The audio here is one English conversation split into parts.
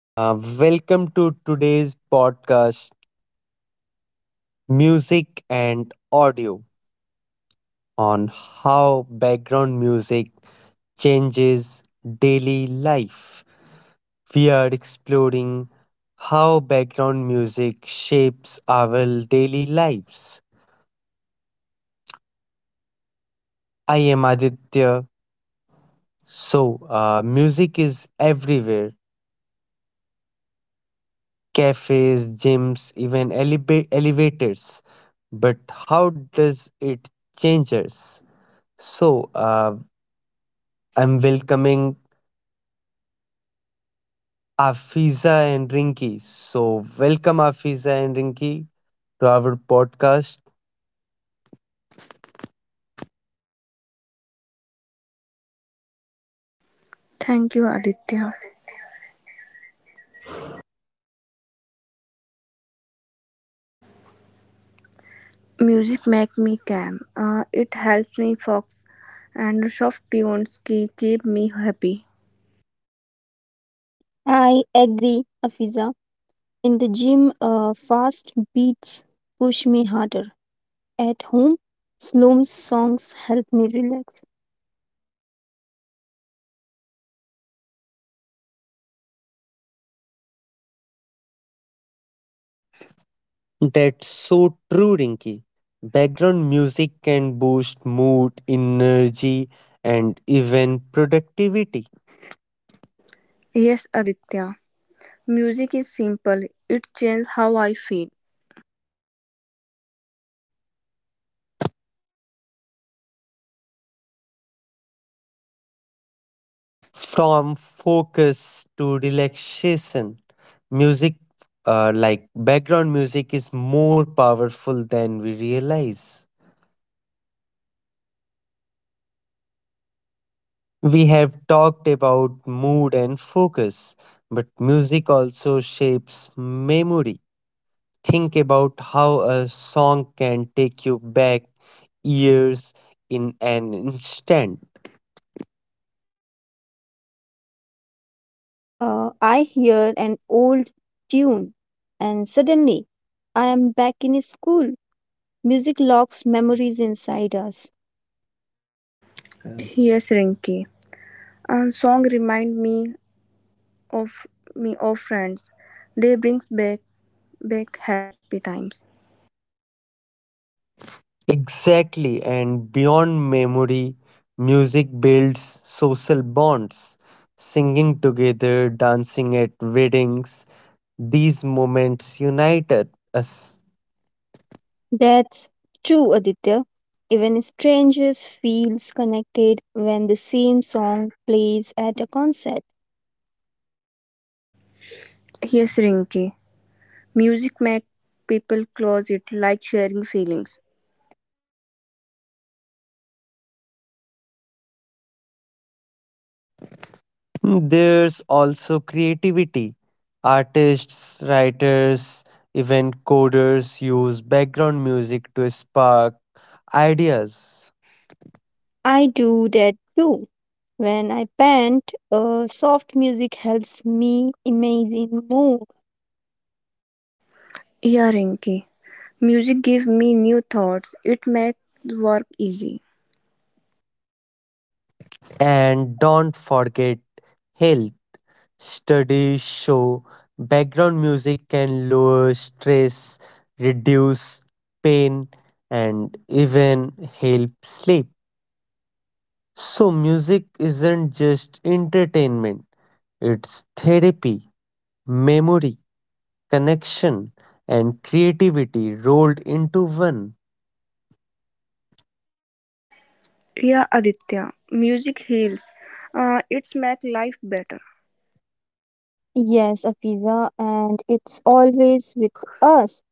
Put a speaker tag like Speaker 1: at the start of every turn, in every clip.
Speaker 1: Welcome to today's podcast, Music and Audio, on how background music changes daily life. We are exploring how background music shapes our daily lives. I am Aditya. Music is everywhere cafes, gyms, even elevators. But how does it change us? So, uh, I'm welcoming Afiza and Rinki. So, welcome Afiza and Rinki to our podcast.
Speaker 2: Thank you, Aditya. Music make me calm. It helps.
Speaker 3: I agree, Afiza. In the gym, fast beats push me harder. At home, slow songs help me relax.
Speaker 1: That's so true, Rinki. Background music can boost mood, energy, and even productivity.
Speaker 2: Yes, Aditya. Music is simple. It changes how I feel.
Speaker 1: From focus to relaxation, music, like background music, is more powerful than we realize. We have talked about mood and focus, but music also shapes memory. Think about how a song can take you back years in an instant.
Speaker 3: Yes, I hear an old tune, and suddenly I am back in school. Music locks memories inside us.
Speaker 2: Yes, Rinki. And song remind of me of friends. They brings back happy times.
Speaker 1: Exactly, and beyond memory, music builds social bonds. Singing together, dancing at weddings, these moments unite us.
Speaker 3: That's true, Aditya. Even strangers feels connected when the same song plays at a concert.
Speaker 2: Yes, Rinki. Music make people close it like sharing feelings.
Speaker 1: There's also creativity. Artists, writers, even coders use background music to spark ideas.
Speaker 3: I do that too. When I paint, soft music helps me imagine more.
Speaker 2: Yeah, Rinki. Music give me new thoughts. It make work easy.
Speaker 1: And don't forget health. Studies show background music can lower stress, reduce pain, and even help sleep. So, music isn't just entertainment, it's therapy, memory, connection, and creativity rolled into one.
Speaker 2: Yeah, Aditya. Music heals. It's make life better.
Speaker 3: Yes, Afiza, and it's always with us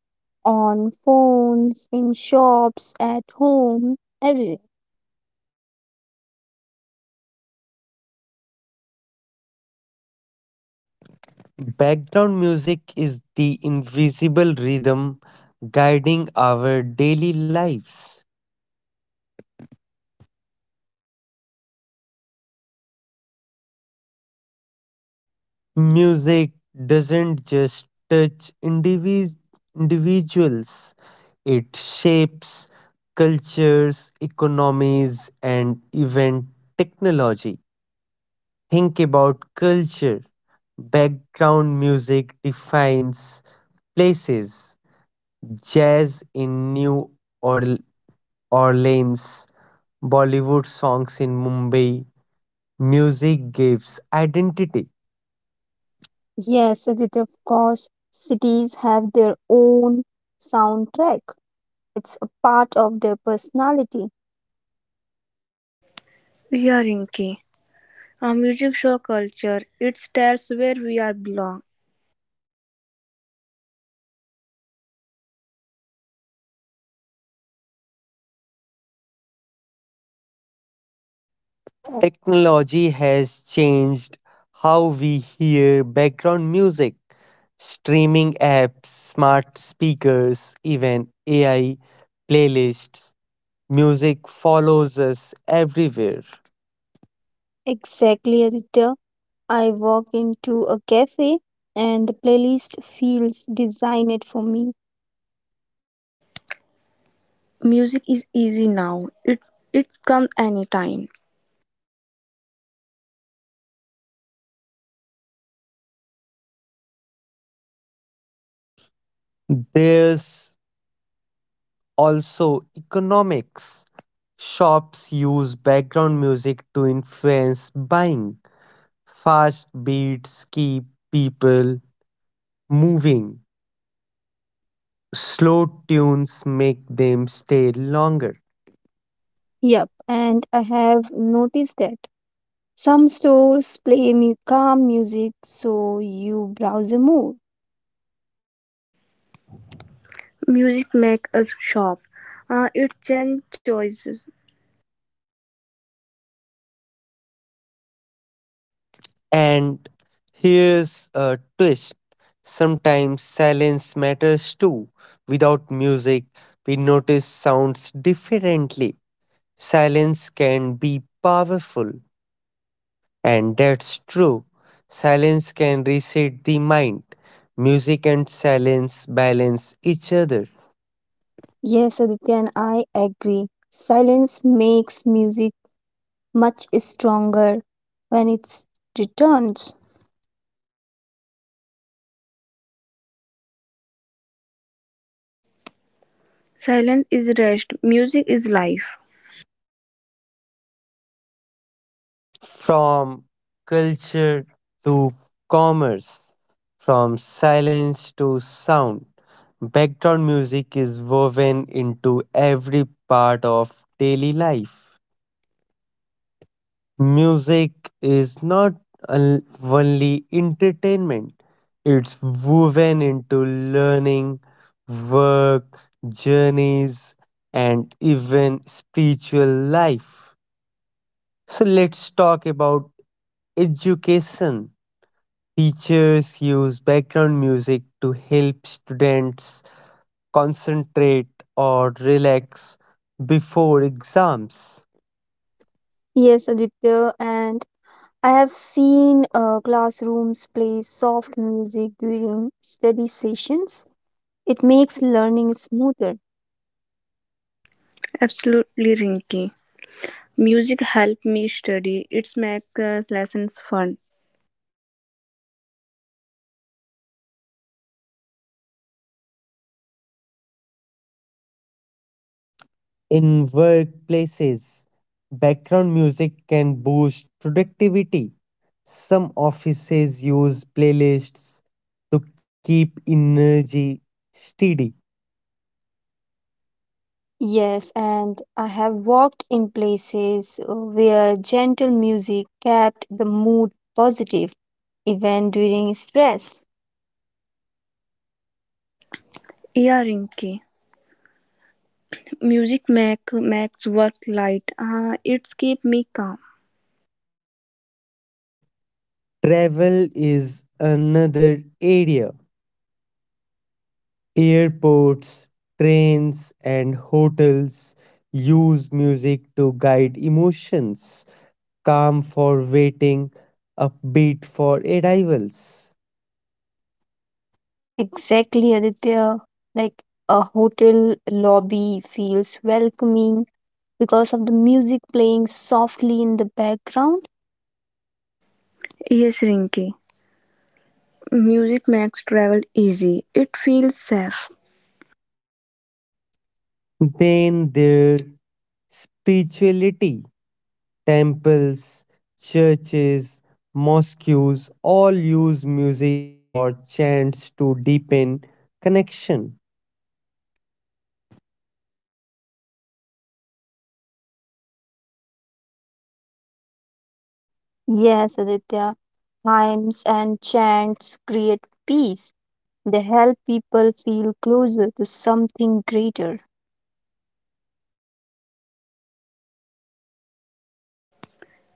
Speaker 3: on phones, in shops, at home, everything.
Speaker 1: Background music is the invisible rhythm guiding our daily lives. Music doesn't just touch individuals, it shapes cultures, economies, and even technology. Think about culture. Background music defines places. Jazz in New Orl- Orleans, Bollywood songs in Mumbai. Music gives identity.
Speaker 3: Yes, Aditya, of course, cities have their own soundtrack. It's a part of their personality.
Speaker 2: Yeah, Rinki. Our music show culture, it tells where we are belong.
Speaker 1: Technology has changed how we hear background music. Streaming apps, smart speakers, even AI playlists, music follows us everywhere.
Speaker 3: Exactly, Aditya. I walk into a cafe and the playlist feels designed for me.
Speaker 2: Music is easy now, it comes anytime.
Speaker 1: There's also economics. Shops use background music to influence buying. Fast beats keep people moving. Slow tunes make them stay longer.
Speaker 3: Yep, and I have noticed that some stores play calm music so you browse more.
Speaker 2: Music make us shop, it change choices.
Speaker 1: And here's a twist sometimes silence matters too. Without music, we notice sounds differently. Silence can be powerful, and that's true. Silence can reset the mind. Music and silence balance each other.
Speaker 3: Yes, Aditya, and I agree. Silence makes music much stronger when it returns.
Speaker 2: Silence is rest, music is life.
Speaker 1: From culture to commerce, from silence to sound, background music is woven into every part of daily life. Music is not only entertainment, it's woven into learning, work, journeys, and even spiritual life. So, let's talk about education. Teachers use background music to help students concentrate or relax before exams.
Speaker 3: Yes, Aditya, and I have seen classrooms play soft music during study sessions. It makes learning smoother.
Speaker 2: Absolutely Rinky. Music help me study, it makes lessons fun.
Speaker 1: In workplaces, background music can boost productivity. Some offices use playlists to keep energy steady.
Speaker 3: Yes, and I have walked in places where gentle music kept the mood positive even during stress.
Speaker 2: Yeah Rinky, music makes work light, it keep me calm.
Speaker 1: Travel is another area. Airports, trains, and hotels use music to guide emotions, calm for waiting, upbeat for arrivals.
Speaker 3: Exactly, Aditya. Like a hotel lobby feels welcoming because of the music playing softly in the background.
Speaker 2: Yes Rinky, music makes travel easy, it feels safe.
Speaker 1: Then there spirituality, temples, churches, mosques all use music or chants to deepen connection
Speaker 3: Yes, Aditya. Hymns and chants create peace. They help people feel closer to something greater.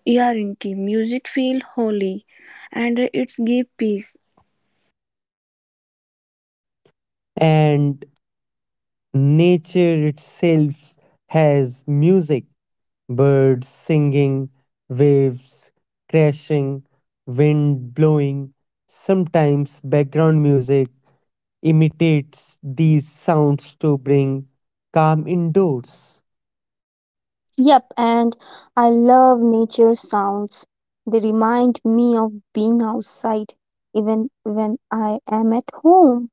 Speaker 2: Ya Rinki, music feel holy and it's give peace.
Speaker 1: and nature itself has music. Birds singing, waves crashing, wind blowing. Sometimes background music imitates these sounds to bring calm indoors.
Speaker 3: Yep, and I love nature sounds. They remind me of being outside, even when I am at home.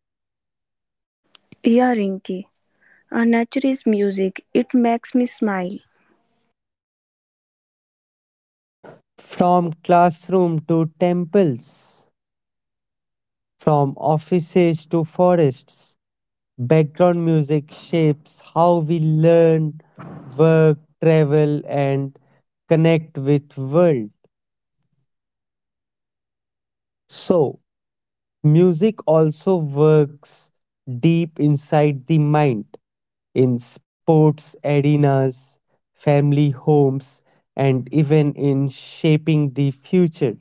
Speaker 2: Ya Rinki, nature is music, it makes me smile.
Speaker 1: From classroom to temples, from offices to forests, background music shapes how we learn, work, travel, and connect with world. So, music also works deep inside the mind in sports arenas, family homes, and even in shaping the future.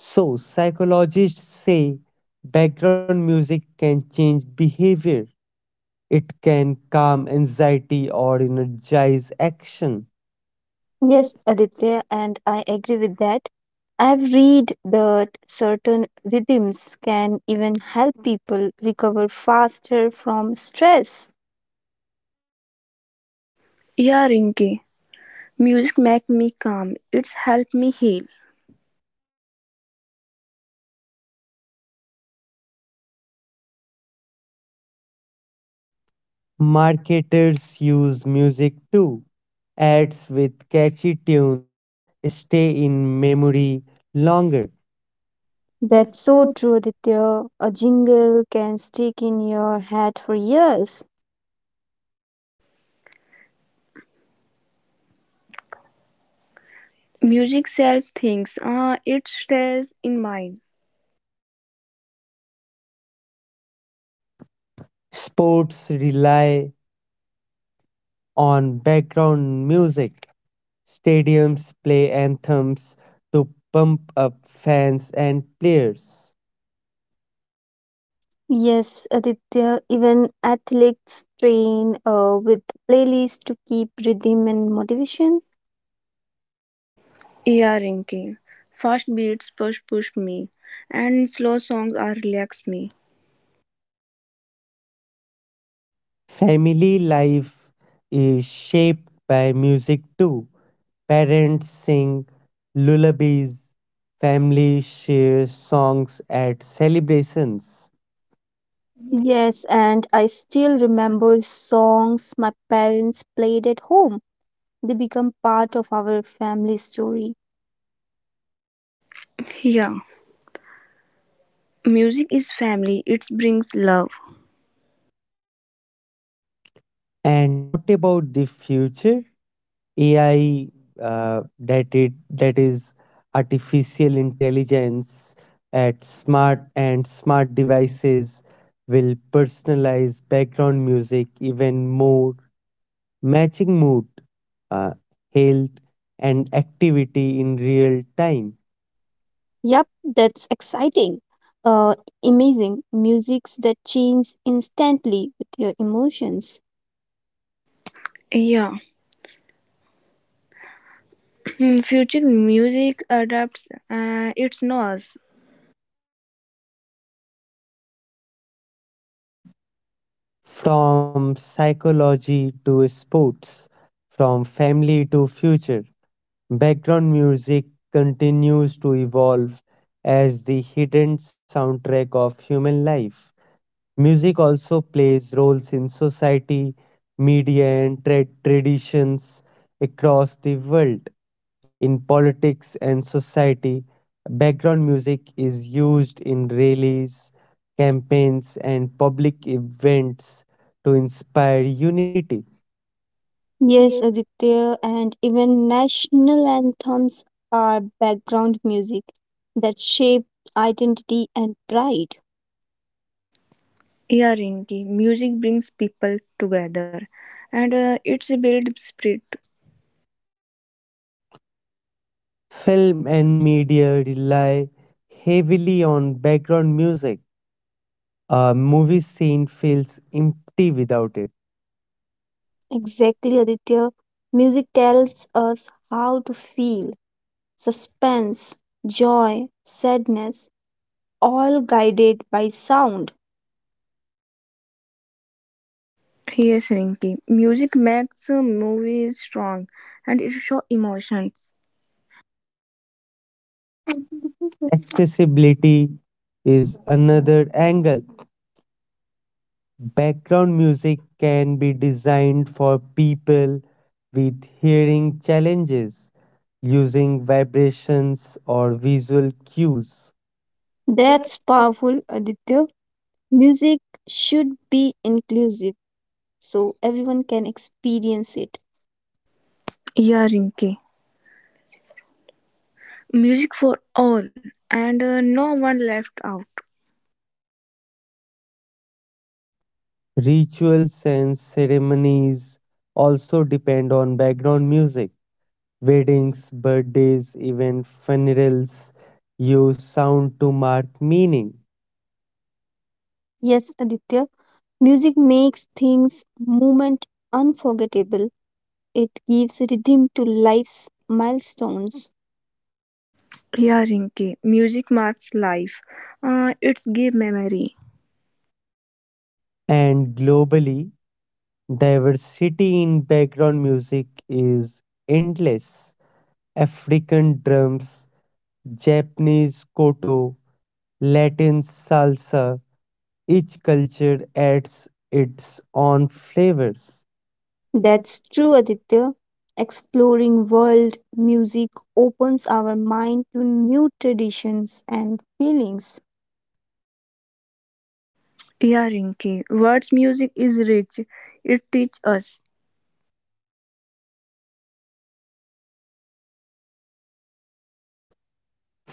Speaker 1: So, psychologists say background music can change behavior. It can calm anxiety or energize action.
Speaker 3: Yes, Aditya, and I agree with that. I've read that certain rhythms can even help people recover faster from stress.
Speaker 2: Ya Rinki, music make me calm, it's help me heal.
Speaker 1: Marketers use music too. Ads with catchy tunes stay in memory longer.
Speaker 3: That's so true, Aditya. A jingle can stick in your head for years.
Speaker 2: Music sells things, it stays in mind.
Speaker 1: Sports rely on background music. Stadiums play anthems to pump up fans and players.
Speaker 3: Yes, Aditya, even athletes train with playlists to keep rhythm and motivation.
Speaker 2: Ya Rinki, fast beats push me and slow songs are relax me.
Speaker 1: Family life is shaped by music too. Parents sing lullabies, families share songs at celebrations.
Speaker 3: Yes, and I still remember songs my parents played at home. They become part of our family story.
Speaker 2: Yeah, music is family, it brings love.
Speaker 1: And what about the future? AI that it that is artificial intelligence at smart devices will personalize background music even more, matching mood, uh, health, and activity in real time.
Speaker 3: Yep, that's exciting. Uh, Amazing. Musics that change instantly with your emotions.
Speaker 2: Yeah, future music adapts its noise.
Speaker 1: From psychology to sports, from family to future, background music continues to evolve as the hidden soundtrack of human life. Music also plays roles in society, media, and traditions across the world. In politics and society, background music is used in rallies, campaigns, and public events to inspire unity. Yes.
Speaker 3: Yes, Aditya, and even national anthems are background music that shape identity and pride.
Speaker 2: Yeah, Rinki, music brings people together and it's build spirit.
Speaker 1: Film and media rely heavily on background music. A movie scene feels empty without it.
Speaker 3: Exactly, Aditya. Music tells us how to feel suspense, joy, sadness, all guided by sound.
Speaker 2: Yes, Rinki, music makes a movie strong and it show emotions.
Speaker 1: Accessibility is another angle. Background music can be designed for people with hearing challenges using vibrations or visual cues.
Speaker 3: That's powerful, Aditya. Music should be inclusive so everyone can experience it.
Speaker 2: Yeah, Rinki, music for all and no one left out.
Speaker 1: Rituals and ceremonies also depend on background music. Weddings, birthdays, even funerals use sound to mark meaning.
Speaker 3: Yes, Aditya. Music makes things moment unforgettable. It gives rhythm to life's milestones.
Speaker 2: Yeah, Rinki, music marks life. It's give memory.
Speaker 1: And globally, diversity in background music is endless. African drums, Japanese koto, Latin salsa, each culture adds its own flavors. That's-
Speaker 3: That's true, Aditya. Exploring world music opens our mind to new traditions and feelings.
Speaker 2: Yeah, Rinki, words music is rich. It teach us.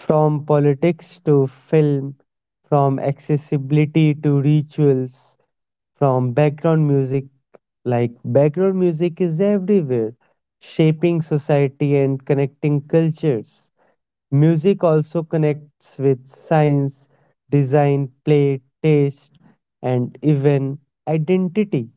Speaker 1: From politics to film, from accessibility to rituals, from background music, like background music is everywhere, shaping society and connecting cultures. Music also connects with science, design, play, taste, and even identity.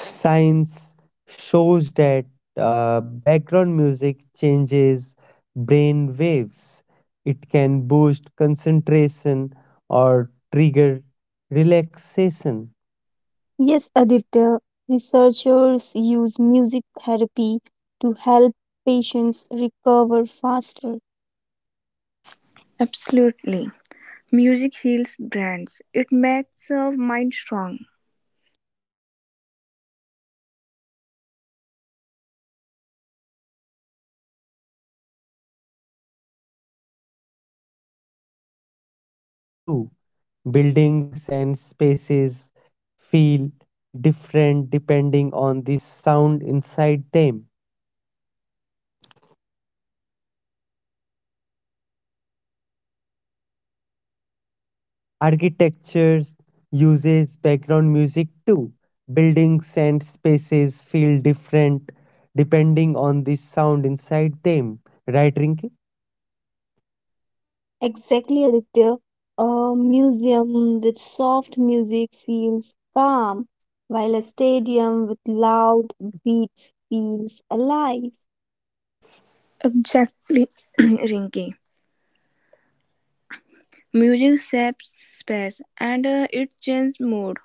Speaker 1: Science shows that background music changes brain waves. It can boost concentration or trigger relaxation.
Speaker 3: Yes, Aditya, researchers use music therapy to help patients recover faster.
Speaker 2: Absolutely. Music heals brands. It makes a mind strong.
Speaker 1: Architecture uses background music too. Buildings and spaces feel different depending on the sound inside them. Architecture uses background music too. Buildings and spaces feel different depending on the sound inside them. Right, Rinki?
Speaker 3: Exactly, Aditya. A museum with soft music feels calm, while a stadium with loud beats feels alive.
Speaker 2: Exactly, Rinky. Music saps space and it changes mood.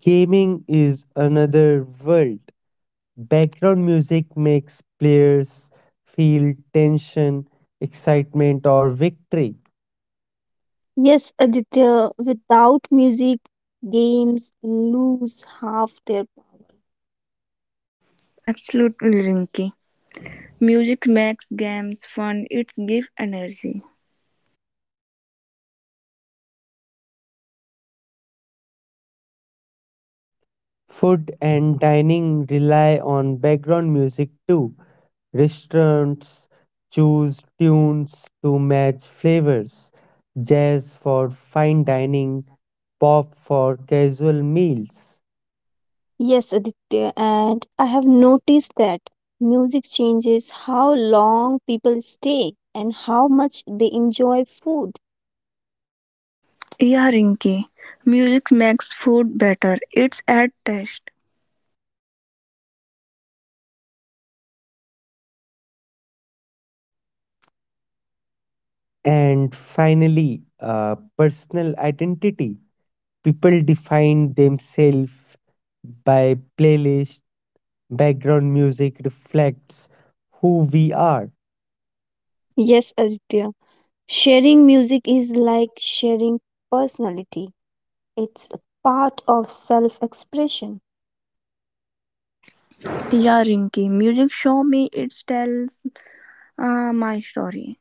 Speaker 1: Gaming is another world. Background music makes players feel tension, excitement, or victory.
Speaker 3: Yes, Aditya, without music, games lose half their.
Speaker 2: Absolutely, Rinky. Music makes games fun, it gives energy.
Speaker 1: Food and dining rely on background music too. Restaurants choose tunes to match flavors. Jazz for fine dining, pop for casual meals.
Speaker 3: Yes, Aditya, and I have noticed that music changes how long people stay and how much they enjoy food.
Speaker 2: Yeah, Rinky. Music makes food better, it's add taste.
Speaker 1: And finally, personal identity. People define themselves by playlist. Background music reflects who we are,
Speaker 3: Yes, Aditya, sharing music is like sharing personality. It's a part of self expression.
Speaker 2: Yeah, Rinky. Music show me, it tells my story.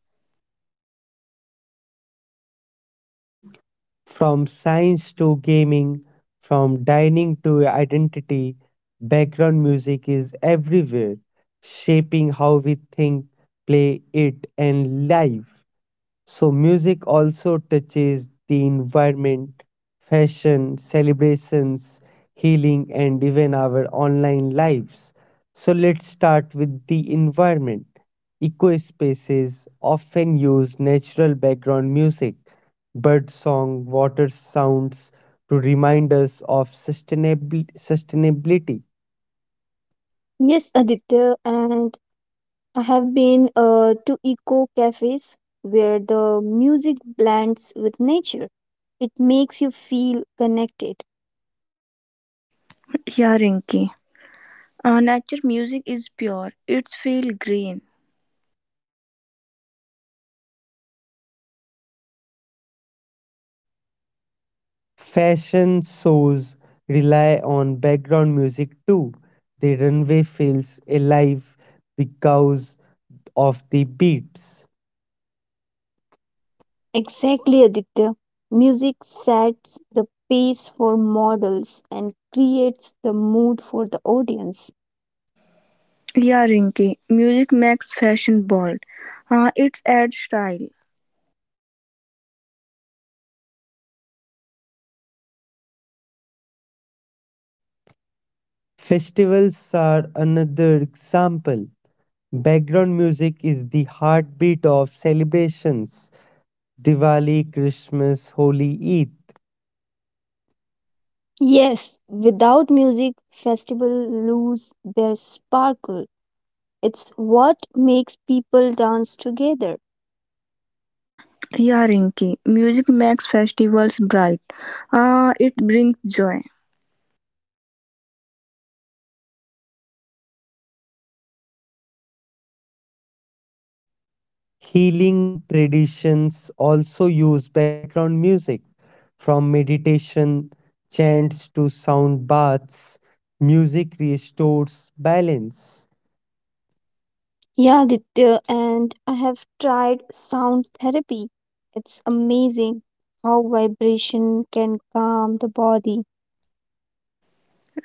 Speaker 1: from science to gaming, from dining to identity. Background music is everywhere, shaping how we think, play it, and live. So, music also touches the environment, fashion, celebrations, healing, and even our online lives. So, let's start with the environment. Eco spaces often use natural background music, bird song, water sounds to remind us of sustainability.
Speaker 3: Yes, Aditya, and I have been to eco cafes where the music blends with nature. It makes you feel connected.
Speaker 2: Yeah, Rinky. Nature music is pure, it feel green.
Speaker 1: Fashion shows rely on background music too. The runway feels alive because of the beats.
Speaker 3: Exactly, Aditya. Music sets the pace for models and creates the mood for the audience.
Speaker 2: Yeah, Rinky. Music makes fashion bold, it adds style.
Speaker 1: Festivals are another example. Background music is the heartbeat of celebrations Diwali, Christmas, Holi, Eid.
Speaker 3: Yes, without music, festivals lose their sparkle. It's what makes people dance together.
Speaker 2: Yeah, Rinky, music makes festivals bright. It brings joy.
Speaker 1: Healing traditions also use background music, from meditation chants to sound baths. Music restores balance.
Speaker 3: Yeah, Aditya, and I have tried sound therapy. It's amazing how vibration can calm the body.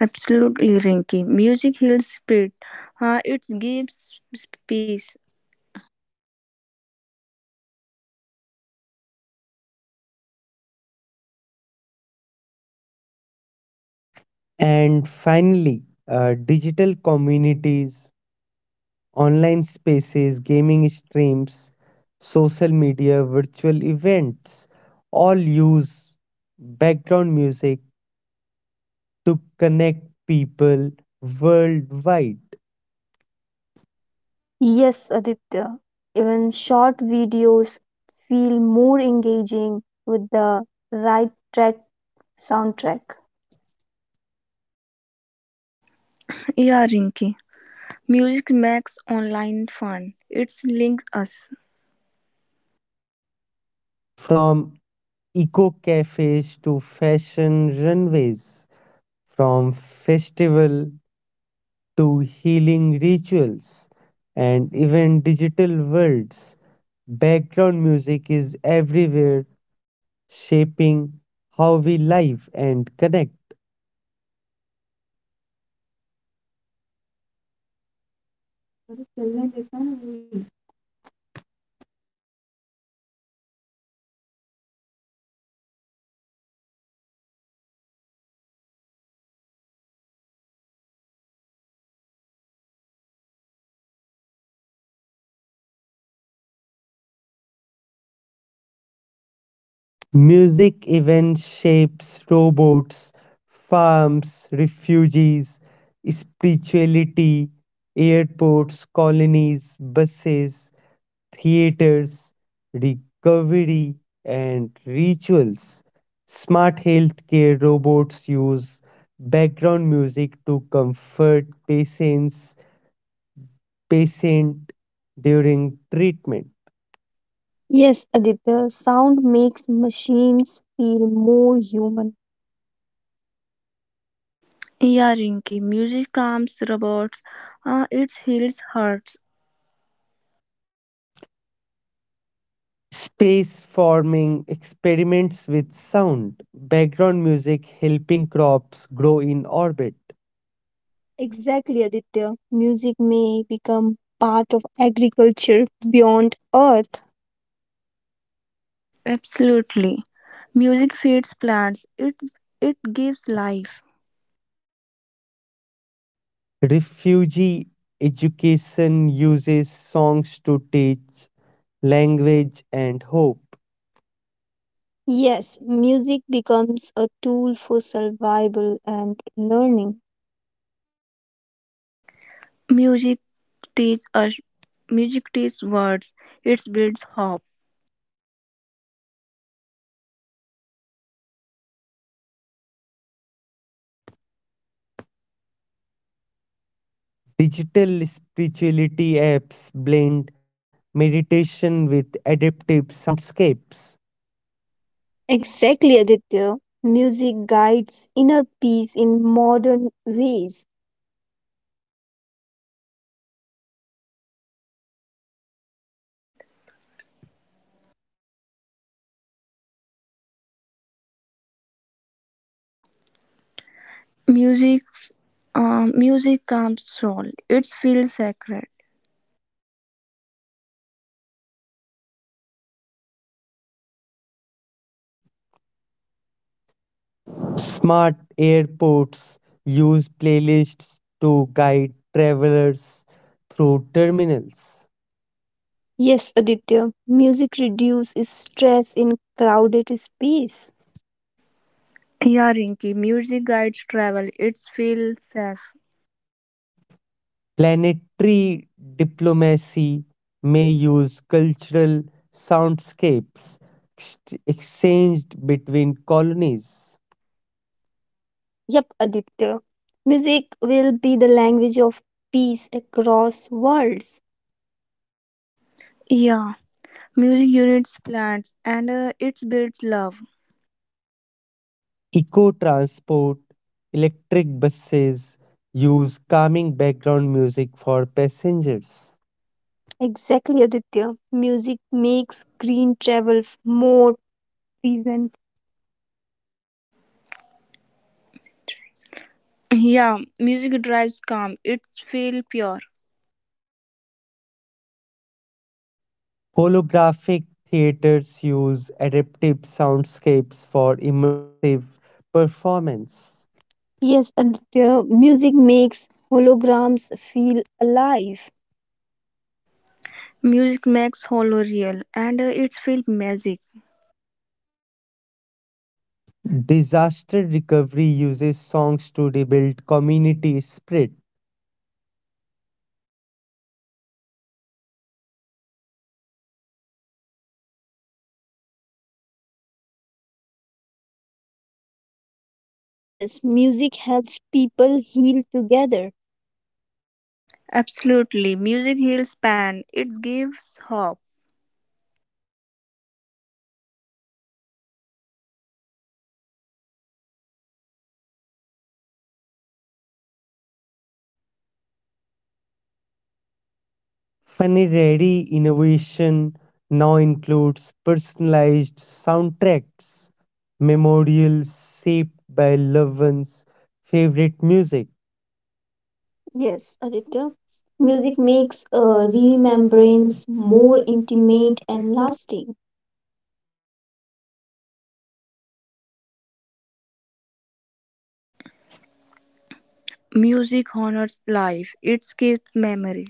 Speaker 2: Absolutely, Rinky. Music heals spirit. It gives peace.
Speaker 1: And finally, digital communities, online spaces, gaming streams, social media, virtual events all use background music to connect people worldwide.
Speaker 3: Yes, Aditya, even short videos feel more engaging with the right track soundtrack.
Speaker 2: Yeah, Rinky. Music makes online fun. It links us.
Speaker 1: From eco cafes to fashion runways, from festival to healing rituals, and even digital worlds. Background music is everywhere, shaping how we live and connect. Music even shapes robots, farms, refugees, spirituality, airports, colonies, buses, theaters, recovery, and rituals. Smart healthcare robots use background music to comfort patient during treatment.
Speaker 3: Yes, Aditya, sound makes machines feel more human.
Speaker 2: Yeah, Rinky. Music calms robots. It heals hearts.
Speaker 1: Space farming experiments with sound, background music helping crops grow in orbit.
Speaker 3: Exactly, Aditya. Music may become part of agriculture beyond earth.
Speaker 2: Absolutely. Music feeds plants. It gives life.
Speaker 1: Refugee education uses songs to teach language and hope.
Speaker 3: Yes, music becomes a tool for survival and learning.
Speaker 2: Music teaches us. Music teaches words. It builds hope.
Speaker 1: Digital spirituality apps blend meditation with adaptive soundscapes.
Speaker 3: Exactly, Aditya. Music guides inner peace in modern ways.
Speaker 2: Music's Music calms soul. It feels sacred.
Speaker 1: Smart airports use playlists to guide travelers through terminals.
Speaker 3: Yes, Aditya. Music reduces stress in crowded space.
Speaker 2: Yeah, Rinky. Music guides travel. It feels safe.
Speaker 1: Planetary diplomacy may use cultural soundscapes exchanged between colonies.
Speaker 3: Yep, Aditya. Music will be the language of peace across worlds.
Speaker 2: Yeah, music units plants and it builds love.
Speaker 1: Eco transport, electric buses use calming background music for passengers.
Speaker 3: Exactly, Aditya. Music makes green travel more pleasant.
Speaker 2: Yeah, music drives calm. It feels pure.
Speaker 1: Holographic theaters use adaptive soundscapes for immersive performance.
Speaker 3: Yes, Aditya, music makes holograms feel alive.
Speaker 2: Music makes hollow real and it feels magic.
Speaker 1: Disaster recovery uses songs to rebuild community spirit.
Speaker 3: Yes, music helps people heal together.
Speaker 2: Absolutely, music heals pain. It gives hope.
Speaker 1: Funiready Innovation now includes personalized soundtracks, memorials shaped by loved ones' favorite music. Yes,
Speaker 3: Yes, Aditya,
Speaker 1: music
Speaker 3: music
Speaker 1: makes
Speaker 3: makes
Speaker 1: remembrance
Speaker 3: remembrance more
Speaker 1: more intimate
Speaker 3: intimate and
Speaker 1: and
Speaker 3: lasting.
Speaker 2: Music honors life. It keeps memory.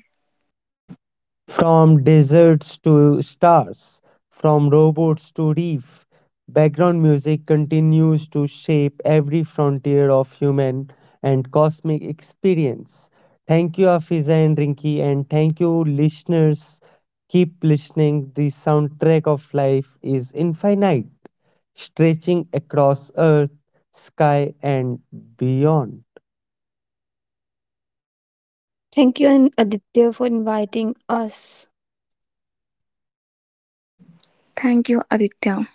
Speaker 1: from deserts to stars, from robots to reef, background music continues to shape every frontier of human and cosmic experience. Thank you, Afiza and Rinki, and thank you, listeners. Keep listening. The soundtrack of life is infinite, stretching across earth, sky, and beyond.
Speaker 3: Thank you, and Aditya, for inviting us.
Speaker 2: Thank you, Aditya.